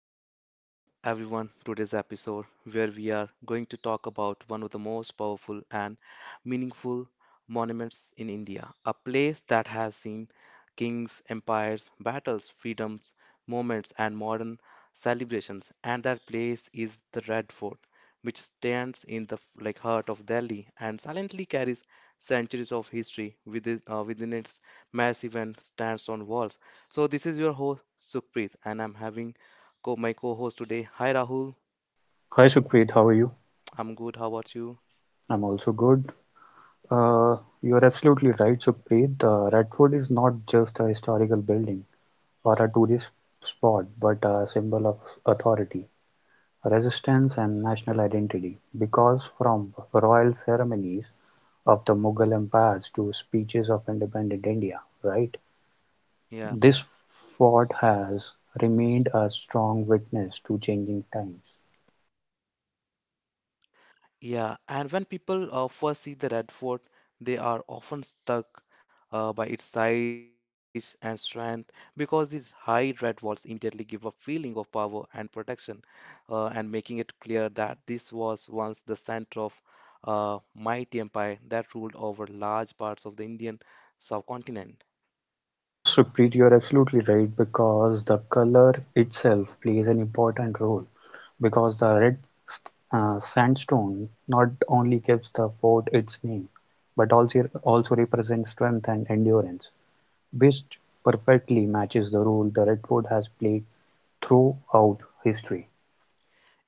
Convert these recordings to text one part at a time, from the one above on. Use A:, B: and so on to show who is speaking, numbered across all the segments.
A: Welcome everyone to today's episode where we are going to talk about one of the most powerful and meaningful monuments in India, a place that has seen kings, empires, battles, freedoms, moments, and modern celebrations. And that place is the Red Fort, which stands in the like heart of Delhi and silently carries centuries of history within, within its massive and stands on walls. So this is your host Sukhpreet, and I'm having co my co-host today. Hi Rahul,
B: Hi Sukhpreet, how are you?
A: I'm good. How about you?
B: I'm also good. Uh, you are absolutely right, Sukhpreet. Radford is not just a historical building or a tourist spot, but a symbol of authority, resistance, and national identity. Because from royal ceremonies of the Mughal empires to speeches of independent India, right?
A: Yeah,
B: This fort has remained a strong witness to changing times.
A: yeah. And when people first see the red fort, they are often stuck by its size and strength because these high red walls immediately give a feeling of power and protection, and making it clear that this was once the center of a mighty empire that ruled over large parts of the Indian subcontinent.
B: Yes, Supreet, you're absolutely right because the color itself plays an important role because the red s- sandstone not only gives the fort its name but also represents strength and endurance, which perfectly matches the role the red fort has played throughout history.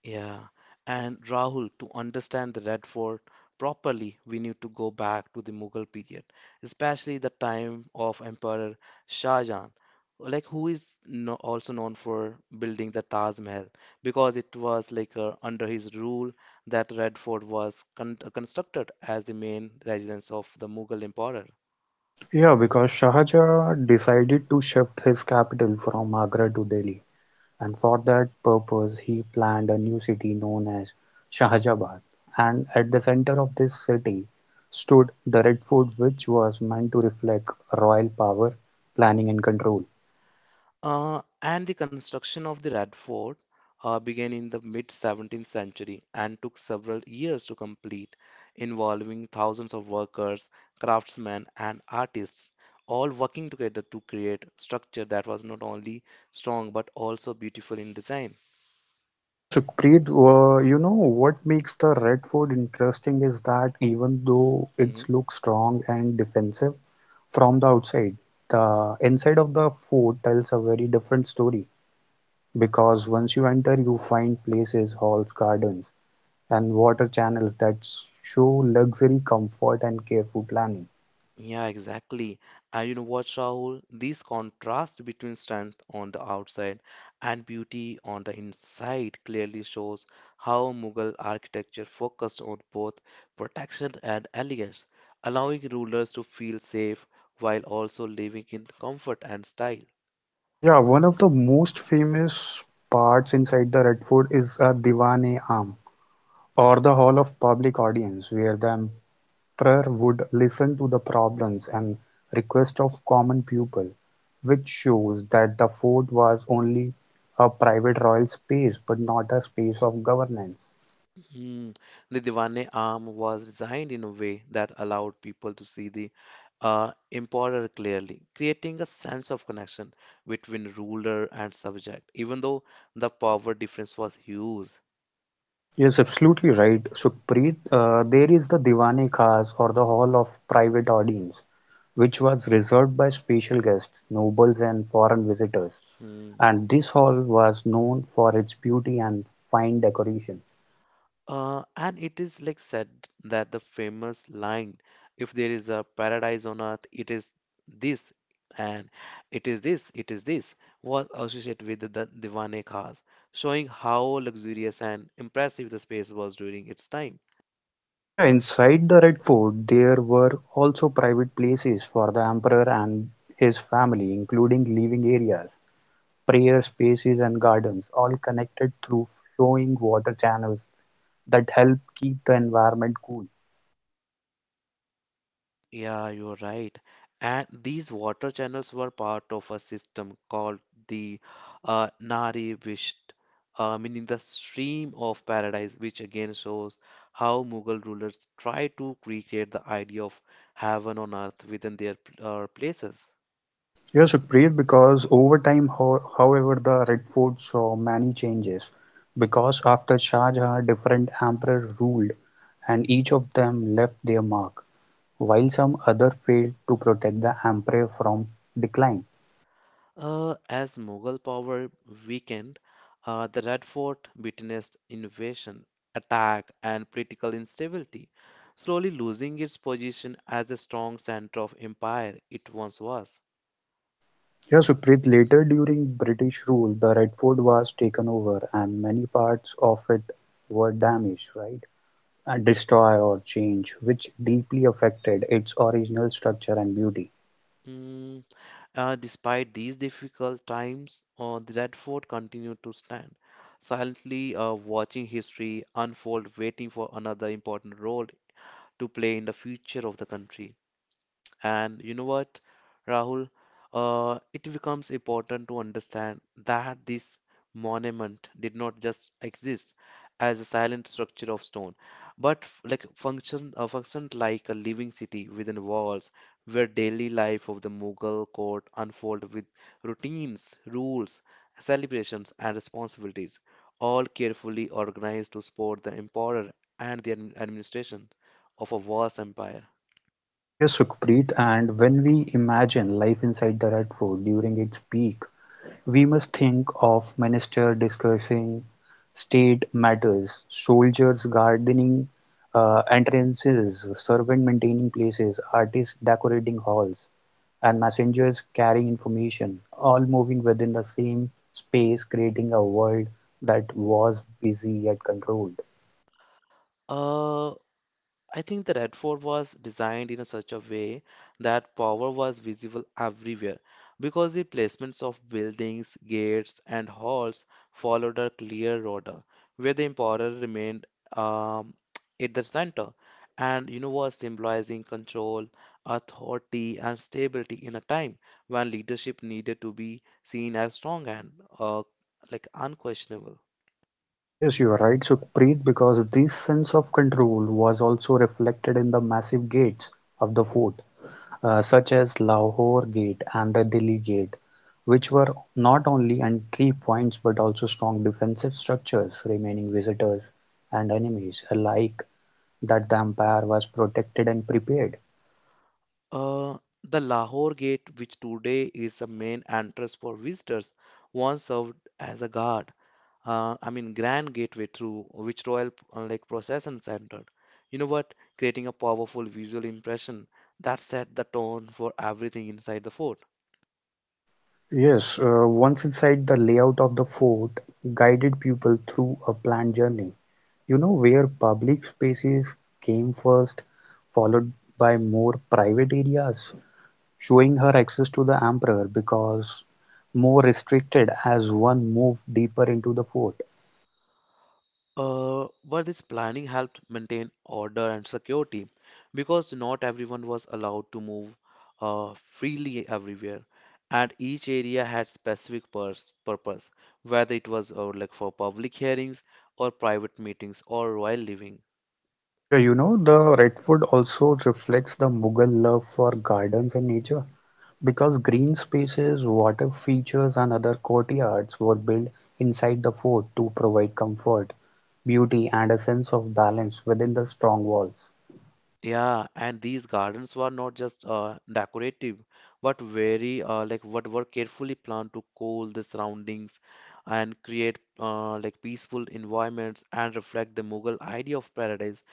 A: Yeah, and Rahul, to understand the Red Fort properly, we need to go back to the Mughal period, especially the time of Emperor Shah Jahan, like who is no, also known for building the Taj Mahal, because it was like under his rule that Red Fort was con constructed as the main residence of the Mughal emperor.
B: Yeah, because Shah Jahan decided to shift his capital from Agra to Delhi, and for that purpose he planned a new city known as Shahjahabad, and at the center of this city stood the red fort, which was meant to reflect royal power, planning and control.
A: And the construction of the Red Fort began in the mid 17th century and took several years to complete, involving thousands of workers, craftsmen, and artists, all working together to create structure that was not only strong but also beautiful in design.
B: Yeah, Sukhpreet, you know what makes the Red Fort interesting is that even though it
A: Mm-hmm.
B: looks strong and defensive from the outside, the inside of the fort tells a very different story because once you enter, you find places, halls, gardens, and water channels that show luxury, comfort, and careful planning.
A: Yeah, exactly. And you know what, Rahul? This contrast between strength on the outside and beauty on the inside clearly shows how Mughal architecture focused on both protection and elegance, allowing rulers to feel safe while also living in comfort and style.
B: Yeah, one of the most famous parts inside the Red Fort is a Diwane Aam, or the Hall of Public Audience, where the emperor would listen to the problems and requests of common people, which shows that the fort was only a private royal space but not a space of governance.
A: Hmm. The Diwane arm was designed in a way that allowed people to see the emperor clearly, creating a sense of connection between ruler and subject, even though the power difference was huge.
B: Yes, absolutely right, Sukhpreet. There is the Diwani Khas or the Hall of Private Audience, which was reserved by special guests, nobles, and foreign visitors.
A: Hmm.
B: And this hall was known for its beauty and fine decoration.
A: And it is like said that the famous line, if there is a paradise on earth, it is this, and it is this, was associated with the Diwane Khas, showing how luxurious and impressive the space was during its time.
B: Yeah, inside the Red Fort, there were also private places for the emperor and his family, including living areas, prayer spaces, and gardens, all connected through flowing water channels that help keep the environment cool.
A: Yeah, you're right. And these water channels were part of a system called the Nari Visht, meaning the stream of paradise, which again shows how Mughal rulers tried to recreate the idea of heaven on earth within their places.
B: Yes, Sukriya, because over time, ho however, the Red Fort saw many changes. Because after Shah Jahan, different emperors ruled, and each of them left their mark, while some other failed to protect the empire from decline.
A: As Mughal power weakened, the Red Fort witnessed invasion, attack, and political instability, slowly losing its position as the strong center of empire it once was.
B: Yes, Sukrit, later during British rule, the Red Fort was taken over, and many parts of it were damaged, right? And destroyed or changed, which deeply affected its original structure and beauty.
A: Mm, Despite these difficult times, the Red Fort continued to stand, silently watching history unfold, waiting for another important role to play in the future of the country. And you know what, Rahul? It becomes important to understand that this monument did not just exist as a silent structure of stone, but functioned like a living city within walls, where daily life of the Mughal court unfolded with routines, rules, celebrations, and responsibilities, all carefully organized to support the emperor and the administration of a vast empire.
B: Yes, Sukhpreet, and when we imagine life inside the Red Fort during its peak, we must think of ministers discussing state matters, soldiers gardening entrances, servant maintaining places, artists decorating halls, and messengers carrying information, all moving within the same space, creating a world that was busy yet controlled.
A: Uh, I think the Red Fort was designed in a such a way that power was visible everywhere because the placements of buildings, gates, and halls followed a clear order where the emperor remained um, at the center and you know was symbolizing control, authority, and stability in a time when leadership needed to be seen as strong and uh, like unquestionable.
B: Yes, you are right, Sukhpreet, because this sense of control was also reflected in the massive gates of the fort, such as Lahore Gate and the Delhi Gate, which were not only entry points but also strong defensive structures, remaining visitors and enemies alike that the empire was protected and prepared.
A: Uh, the Lahore Gate, which today is the main entrance for visitors, once served as a guard. I mean, grand gateway through which royal like processions entered. You know what? Creating a powerful visual impression that set the tone for everything inside the fort.
B: Yes, once inside, the layout of the fort guided people through a planned journey. You know, where public spaces came first, followed by more private areas, showing her access to the emperor because more restricted as one moved deeper into the fort.
A: But this planning helped maintain order and security because not everyone was allowed to move freely everywhere, and each area had specific purs purpose, whether it was like for public hearings or private meetings or royal living.
B: Yeah, you know, the Red Fort also reflects the Mughal love for gardens and nature because green spaces, water features, and other courtyards were built inside the fort to provide comfort, beauty, and a sense of balance within the strong walls.
A: Yeah, and these gardens were not just decorative, but very like what were carefully planned to cool the surroundings and create like peaceful environments and reflect the Mughal idea of paradise,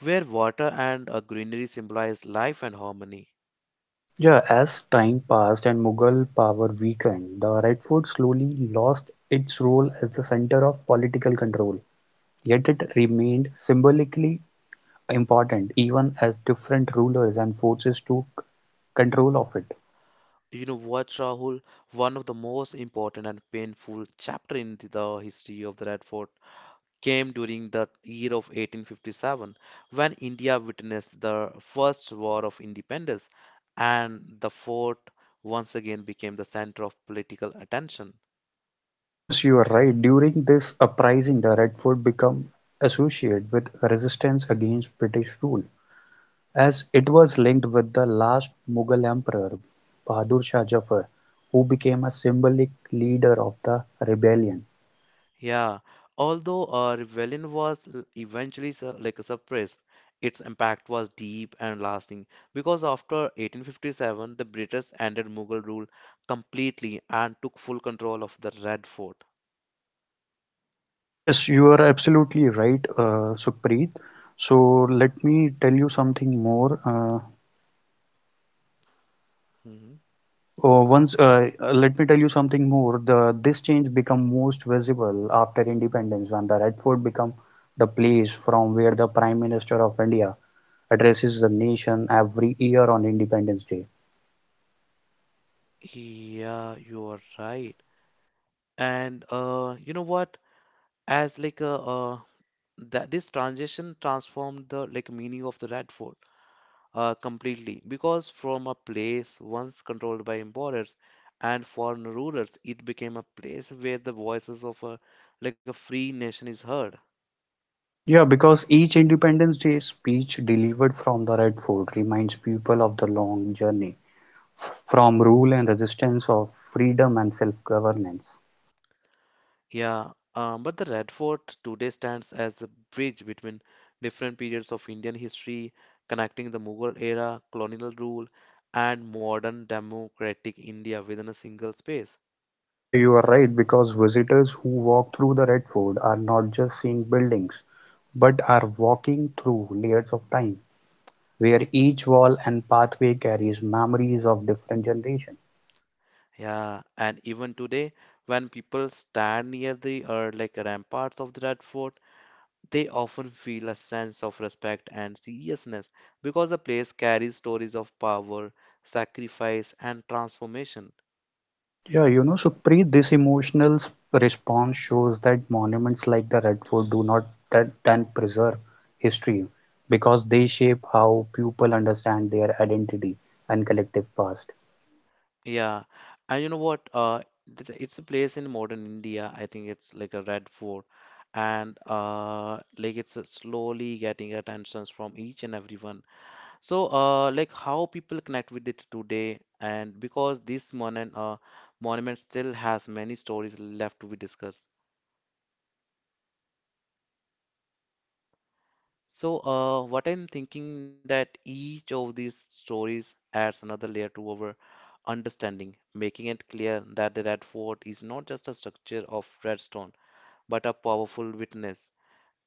A: where water and greenery symbolize life and harmony.
B: Yeah, as time passed and Mughal power weakened, the Red Fort slowly lost its role as the center of political control. Yet it remained symbolically important even as different rulers and forces took control of it.
A: You know what, Rahul? One of the most important and painful chapter in the history of the Red Fort came during the year of 1857 when India witnessed the first war of independence and the fort once again became the center of political attention.
B: Yes, you are right. During this uprising, the Red Fort became associated with resistance against British rule, as it was linked with the last Mughal emperor, Bahadur Shah Jafar, who became a symbolic leader of the rebellion.
A: Yeah, although rebellion was like suppressed, its impact was deep and lasting because after 1857 the British ended Mughal rule completely and took full control of the Red Fort.
B: Yes, you are absolutely right, Sukhpreet. So let me tell you something more.
A: Mhm.
B: Let me tell you something more. The this change become most visible after independence when the Red Fort become the place from where the Prime Minister of India addresses the nation every year on Independence Day.
A: Yeah, you are right. And you know what? As like a that this transition transformed the like meaning of the rat fort completely because from a place once controlled by importers and foreign rulers, it became a place where the voices of a like a free nation is heard.
B: Yeah, because each Independence Day speech delivered from the Red Fort reminds people of the long journey from rule and resistance of freedom and self-governance.
A: Yeah, but the Red Fort today stands as a bridge between different periods of Indian history, connecting the Mughal era, colonial rule, and modern democratic India within a single space.
B: Yeah, you are right because visitors who walk through the Red Fort are not just seeing buildings, but are walking through layers of time, where each wall and pathway carries memories of different generations.
A: Yeah, and even today, when people stand near the like ramparts of that fort, they often feel a sense of respect and seriousness because the place carries stories of power, sacrifice, and transformation.
B: Yeah, you know, Supreet, this emotional response shows that monuments like the Red Fort do not that then preserve history because they shape how people understand their identity and collective past.
A: Yeah, and you know what? It's a place in modern India. I think it's like a red fort, and like it's slowly getting attentions from each and everyone. So, like how people connect with it today, and because this monument, monument still has many stories left to be discussed. So, what I'm thinking that each of these stories adds another layer to our understanding, making it clear that the Red Fort is not just a structure of redstone, but a powerful witness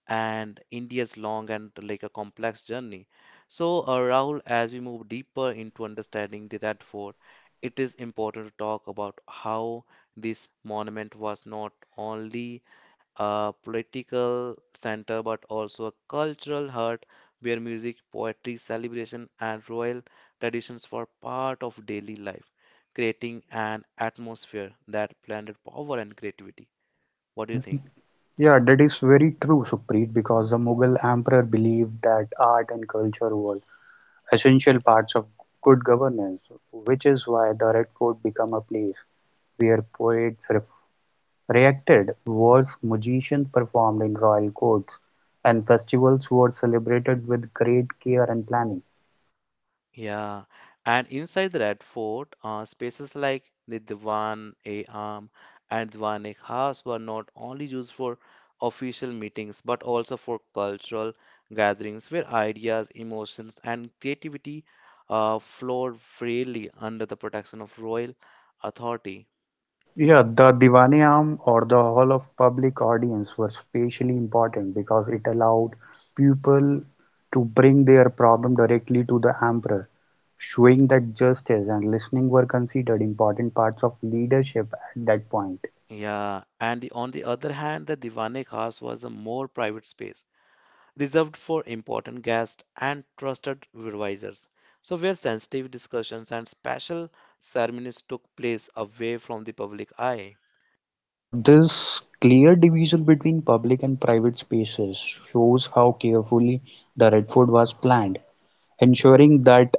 A: and India's long and like a complex journey. So, Rahul, as we move deeper into understanding the Radford, it is important to talk about how this monument was not only a political center but also a cultural heart where music, poetry, celebration, and royal traditions were part of daily life, creating an atmosphere that blended power and creativity.
B: Yeah,
A: What do you think?
B: yeah, that is very true, Supreet, because the Mughal emperor believed that art and culture were essential parts of good governance, which is why the Red Fort became a place where poets reacted, wars, musicians performed in royal courts, and festivals were celebrated with great care and planning.
A: Yeah, and inside the Red Fort, spaces like the Diwan e Am and Diwan e Khas were not only used for official meetings but also for cultural gatherings where ideas, emotions, and creativity flowed freely under the protection of royal authority.
B: Yeah, the Diwaniyam or the Hall of Public Audience was especially important because it allowed people to bring their problem directly to the emperor, showing that justice and listening were considered important parts of leadership at that point.
A: Yeah, and the, on the other hand, the Diwan e Khas was a more private space reserved for important guests and trusted advisors. So, where sensitive discussions and special ceremonies took place away from the public eye.
B: Yeah, this clear division between public and private spaces shows how carefully the Red Fort was planned, ensuring that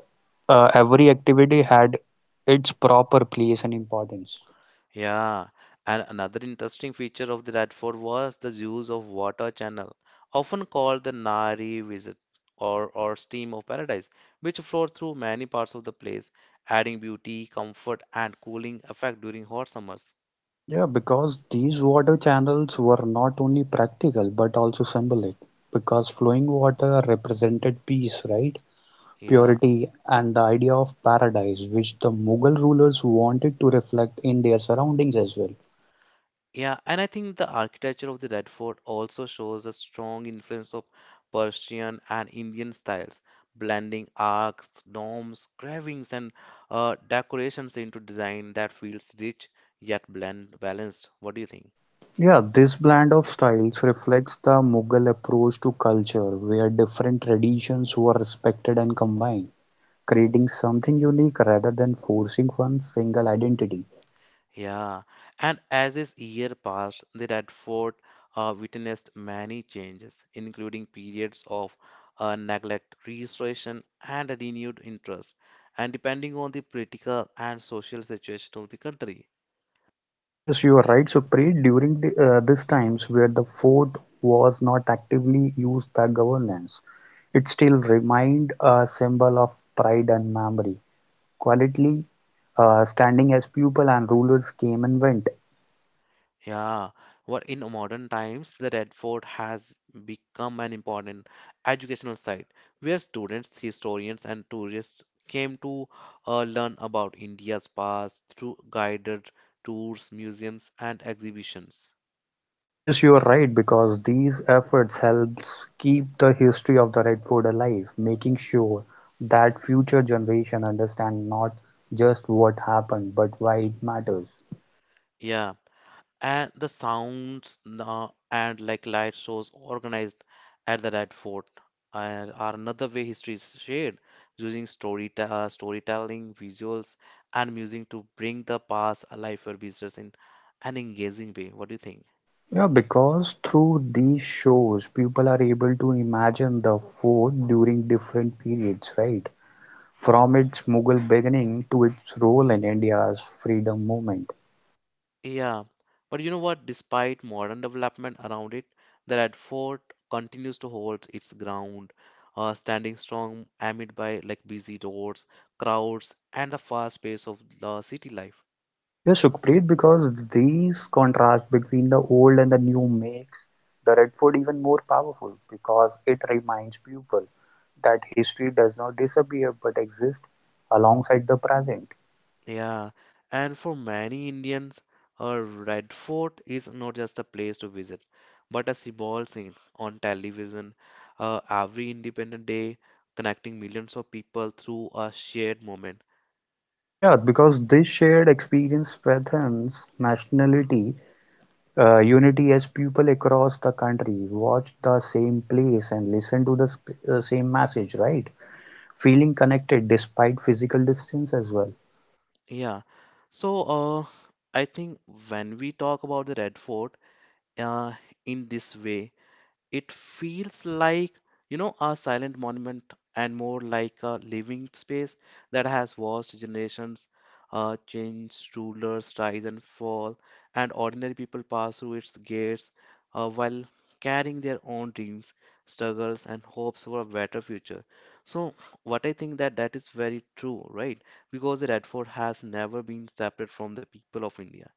B: every activity had its proper place and importance.
A: Yeah, and another interesting feature of the Red Fort was the use of water channel, often called the Nari Visit or Stream of Paradise, which flowed through many parts of the place, adding beauty, comfort, and cooling effect during hot summers.
B: Yeah, because these water channels were not only practical but also symbolic. Because flowing water represented peace, right?
A: Yeah.
B: Purity and the idea of paradise, which the Mughal rulers wanted to reflect in their surroundings as well.
A: Yeah, and I think the architecture of the Red Fort also shows a strong influence of Persian and Indian styles, blending arcs, domes, carvings, and decorations into design that feels rich yet blend balanced. What do you think?
B: Yeah, this blend of styles reflects the Mughal approach to culture, where different traditions were respected and combined, creating something unique rather than forcing one single identity.
A: Yeah, and as his year passed, the Radford witnessed many changes, including periods of neglect, restoration, and a renewed interest, and depending on the political and social situation of the country.
B: Yes, you are right, Supreet. During these times where the fort was not actively used by governance, it still remained a symbol of pride and memory, quietly standing as people and rulers came and went.
A: Yeah, what in modern times, the Red Fort has become an important educational site where students, historians, and tourists came to learn about India's past through guided tours, museums, and exhibitions.
B: Yes, you are right, because these efforts helps keep the history of the Red Fort alive, making sure that future generation understand not just what happened, but why it matters.
A: Yeah, and the sounds and like light shows organized at the Red Fort are another way history is shared using storytelling, visuals, and music to bring the past alive for visitors in an engaging way. What do you think?
B: Yeah, because through these shows, people are able to imagine the fort during different periods, right? From its Mughal beginning to its role in India's freedom movement.
A: Yeah, but you know what? Despite modern development around it, the Red Fort continues to hold its ground, standing strong amid by like busy roads, crowds, and the fast pace of the city life.
B: Yes, Sukhpreet, because these contrast between the old and the new makes the Red Fort even more powerful because it reminds people that history does not disappear but exists alongside the present.
A: Yeah, and for many Indians, a Red Fort is not just a place to visit, but a symbol seen on television every independent day, connecting millions of people through a shared moment.
B: Yeah, because this shared experience strengthens nationality unity as people across the country watch the same place and listen to the same message, right? Feeling connected despite physical distance as well.
A: Yeah, so I think when we talk about the Red Fort uh, in this way, it feels like, you know, a silent monument and more like a living space that has watched generations change, rulers rise and fall, and ordinary people pass through its gates while carrying their own dreams, struggles, and hopes for a better future. So, what I think that that is very true, right? Because the Red Fort has never been separate from the people of India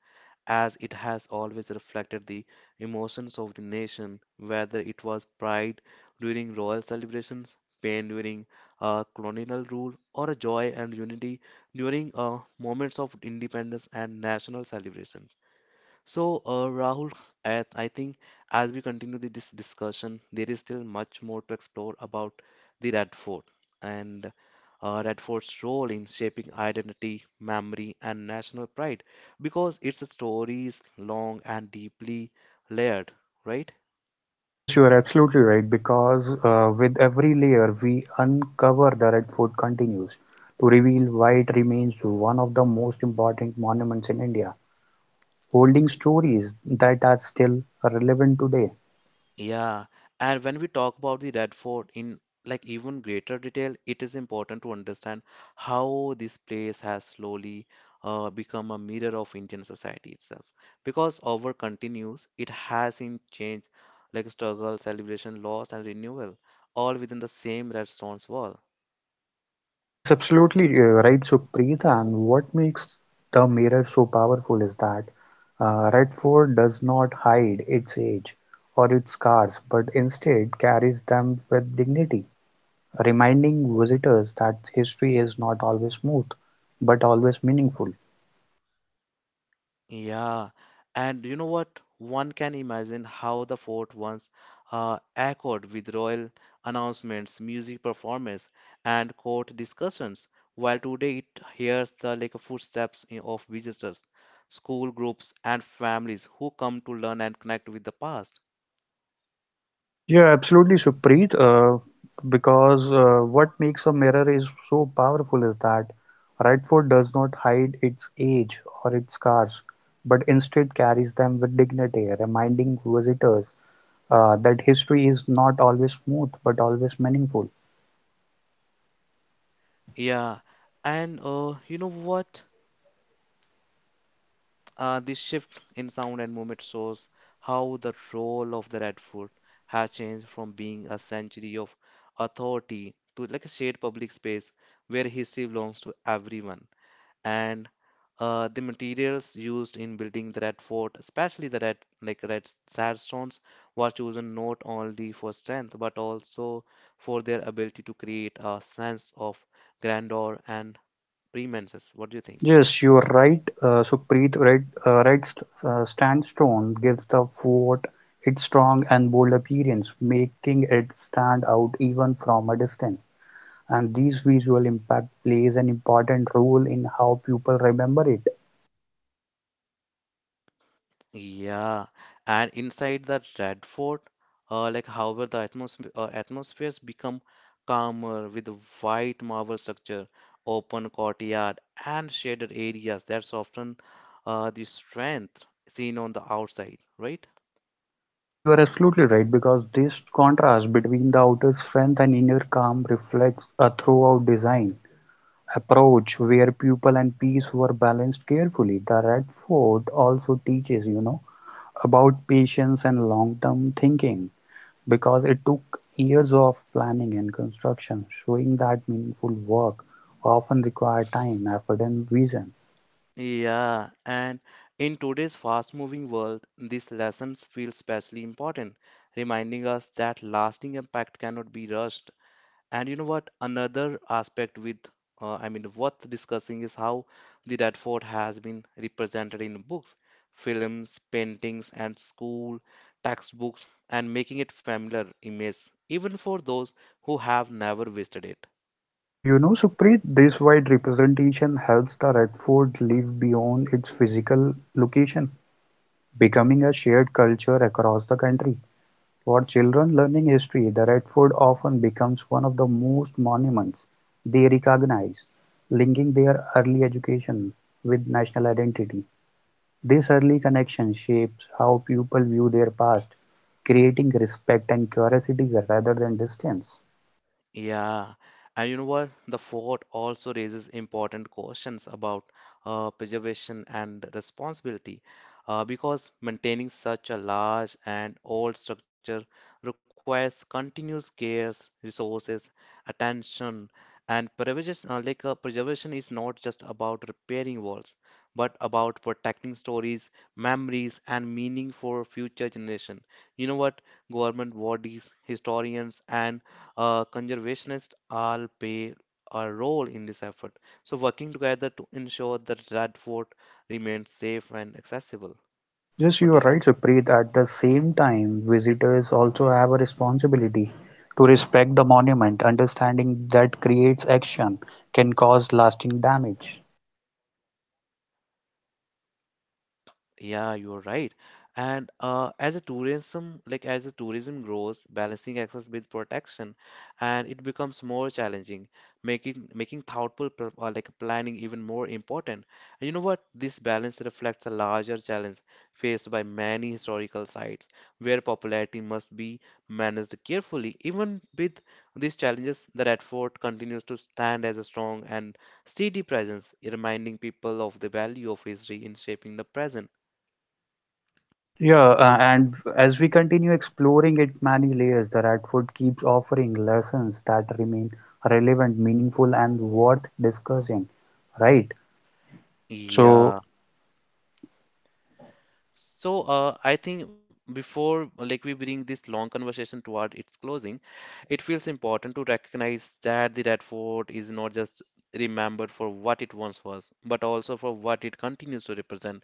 A: as it has always reflected the emotions of the nation, whether it was pride during royal celebrations, pain during colonial rule, or joy and unity during moments of independence and national celebration. So, Rahul, at, I think as we continue this discussion, there is still much more to explore about the Red Fort and Red Fort's role in shaping identity, memory, and national pride, because its story is long and deeply layered, right?
B: Yes, you are absolutely right because with every layer we uncover, the Redfort continues to reveal why it remains one of the most important monuments in India, holding stories that are still relevant today.
A: Yeah, and when we talk about the Red Fort in like even greater detail, it is important to understand how this place has slowly become a mirror of Indian society itself. Because over continues, it hasn't changed like struggle, celebration, loss, and renewal, all within the same red stone's wall.
B: Yes, absolutely right, Sukhpreet. And what makes the mirror so powerful is that Redford does not hide its age or its scars, but instead carries them with dignity, reminding visitors that history is not always smooth, but always meaningful.
A: Yeah, and you know what? One can imagine how the fort once echoed with royal announcements, music performances, and court discussions, while today it hears the like footsteps of visitors, school groups, and families who come to learn and connect with the past.
B: Yeah, absolutely, Supreet. Because what makes a mirror is so powerful is that right foot does not hide its age or its scars, but instead carries them with dignity, reminding visitors that history is not always smooth but always meaningful.
A: Yeah, and you know what? This shift in sound and movement shows how the role of the Red Fort has changed from being a sanctuary of authority to like a shared public space where history belongs to everyone. And the materials used in building the Red Fort, especially the red sandstones, were chosen not only for strength but also for their ability to create a sense of grandeur and preeminence. What do you think?
B: Yes, you're right, Supreet. Right, right st Stand gives the fort its strong and bold appearance, making it stand out even from a distance. And this visual impact plays an important role in how people remember it.
A: Yeah, and inside the Red Fort, however, the atmospheres become calmer with the white marble structure, open courtyard, and shaded areas. That's often the strength seen on the outside, right?
B: Yeah, you are absolutely right because this contrast between the outer strength and inner calm reflects a throughout design approach where pupil and peace were balanced carefully. The Red Fort also teaches, you know, about patience and long-term thinking because it took years of planning and construction, showing that meaningful work often require time, effort, and vision.
A: Yeah, and in today's fast-moving world, these lessons feel especially important, reminding us that lasting impact cannot be rushed. And you know what? Another aspect with, I mean, worth discussing is how the Red Fort has been represented in books, films, paintings, and school textbooks, and making it familiar image even for those who have never visited it.
B: Yeah, you know, Supreet, this wide representation helps the Red Fort live beyond its physical location, becoming a shared culture across the country. For children learning history, the Red Fort often becomes one of the most monuments they recognize, linking their early education with national identity. This early connection shapes how people view their past, creating respect and curiosity rather than distance.
A: Yeah, and you know what? The fort also raises important questions about preservation and responsibility because maintaining such a large and old structure requires continuous care, resources, attention, and preservation, preservation is not just about repairing walls, but about protecting stories, memories, and meaning for future generation. You know what? Government bodies, historians, and conservationists all play a role in this effort, so working together to ensure that Radford remains safe and accessible.
B: Yes,
A: What
B: you
A: do you
B: are
A: think?
B: right, Supreet. At the same time, visitors also have a responsibility to respect the monument, understanding that creates action can cause lasting damage.
A: Yeah, you're right. And as a tourism, like as the tourism grows, balancing access with protection, and it becomes more challenging, making thoughtful planning even more important. And you know what? This balance reflects a larger challenge faced by many historical sites, where popularity must be managed carefully. Even with these challenges, the Red Fort continues to stand as a strong and steady presence, reminding people of the value of history in shaping the present.
B: Yeah, and as we continue exploring its many layers, the Radford keeps offering lessons that remain relevant, meaningful, and worth discussing. Right. So,
A: Yeah. So, I think before like we bring this long conversation toward its closing, it feels important to recognize that the Red Fort is not just remembered for what it once was, but also for what it continues to represent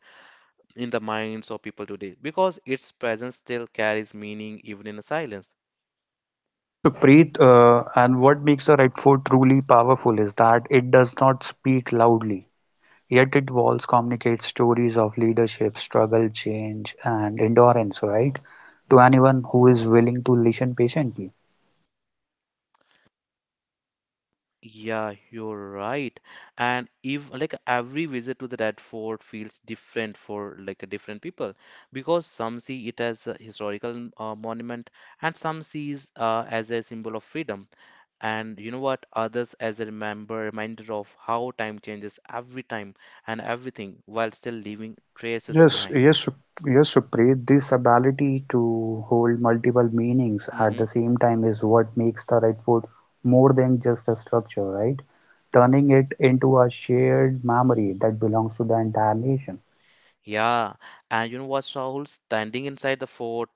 A: in the minds of people today, because its presence still carries meaning even in silence.
B: yes, Supreet, and what makes the Radford truly powerful is that it does not speak loudly. Yet it walls communicate stories of leadership, struggle, change, and endurance, right? To anyone who is willing to listen patiently.
A: Yeah, you're right. And if like every visit to the Red Fort feels different for like different people because some see it as a historical monument and some sees as a symbol of freedom. And you know what? Others as a remember reminder of how time changes every time and everything while still leaving traces
B: Yes,
A: behind.
B: yes, Sup- yes, Supreet, this ability to hold multiple meanings at
A: Mm-hmm.
B: the same time is what makes the Red Fort more than just a structure, right? Turning it into a shared memory that belongs to the entire nation.
A: Yeah, and you know what, Rahul? Standing inside the fort,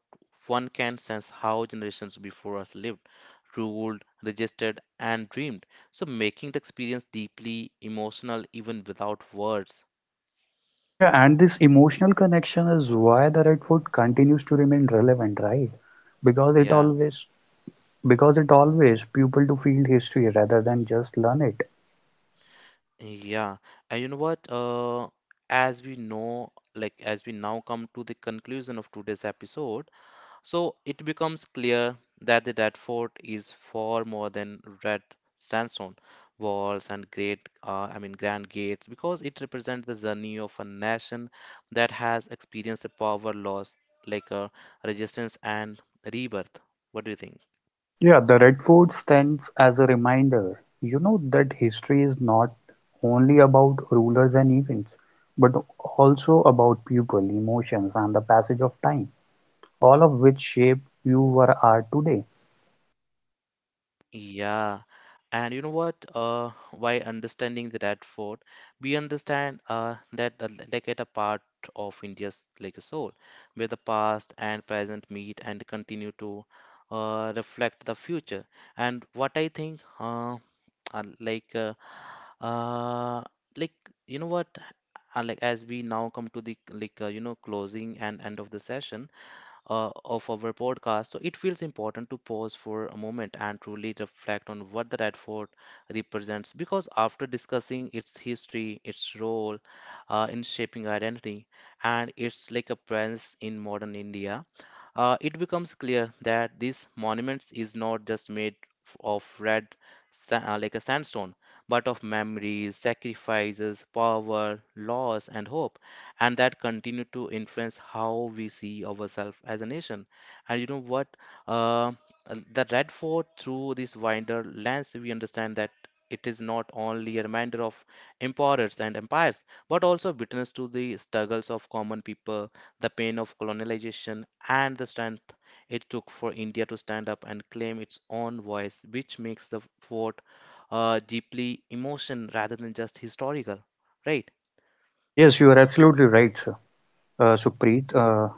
A: one can sense how generations before us lived, ruled, registered, and dreamed. So making the experience deeply emotional even without words.
B: Yeah, and this emotional connection is why the Red Fort continues to remain relevant, right? Because it
A: Yeah,
B: always Because it always pupils to feel history rather than just learn it.
A: yeah. And you know what? As we know, like as we now come to the conclusion of today's episode, so it becomes clear that the Red fort is far more than red sandstone walls and great, I mean, grand gates, because it represents the journey of a nation that has experienced a power loss, like a resistance and rebirth. What do you think?
B: Yeah, the Red Fort stands as a reminder, you know, that history is not only about rulers and events, but also about people, emotions, and the passage of time, all of which shape are today.
A: Yeah, and you know what? By understanding that Fort, we understand that the l- like at a part of India's like a soul, where the past and present meet and continue to reflect the future. And what I think, uh, like uh, uh, like you know what? As we now come to the you know closing and end of the session, of our podcast. So it feels important to pause for a moment and truly reflect on what the Red Fort represents because after discussing its history, its role in shaping identity, and its like a presence in modern India, it becomes clear that this monument is not just made of red a sandstone but of memories sacrifices power loss and hope and that continue to influence how we see ourselves as a nation and you know what uh, the red fort through this wider lens we understand that it is not only a reminder of emperors and empires but also witness to the struggles of common people the pain of colonization and the strength it took for india to stand up and claim its own voice which makes the fort deeply emotion rather than just historical, right?
B: Yes, you are absolutely right, sir. Sukhpreet.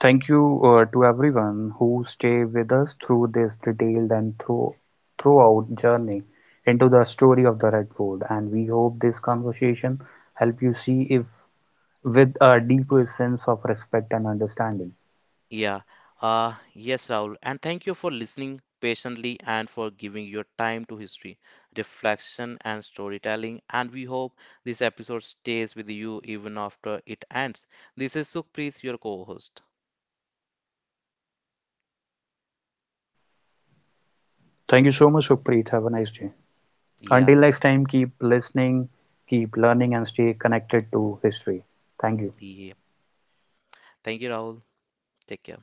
B: Thank you to everyone who stay with us through this detailed and throughout journey into the story of the Redford. And we hope this conversation help you see if with a deeper sense of respect and understanding.
A: Yeah. Yes, Rahul. And thank you for listening patiently and for giving your time to history, reflection, and storytelling. And we hope this episode stays with you even after it ends. This is Sukhpreet, your co host.
B: Thank you so much, Supreet. Have a nice day.
A: Yeah.
B: Until next time, keep listening, keep learning, and stay connected to history. Thank you.
A: Yeah. Thank you, Rahul. Take care.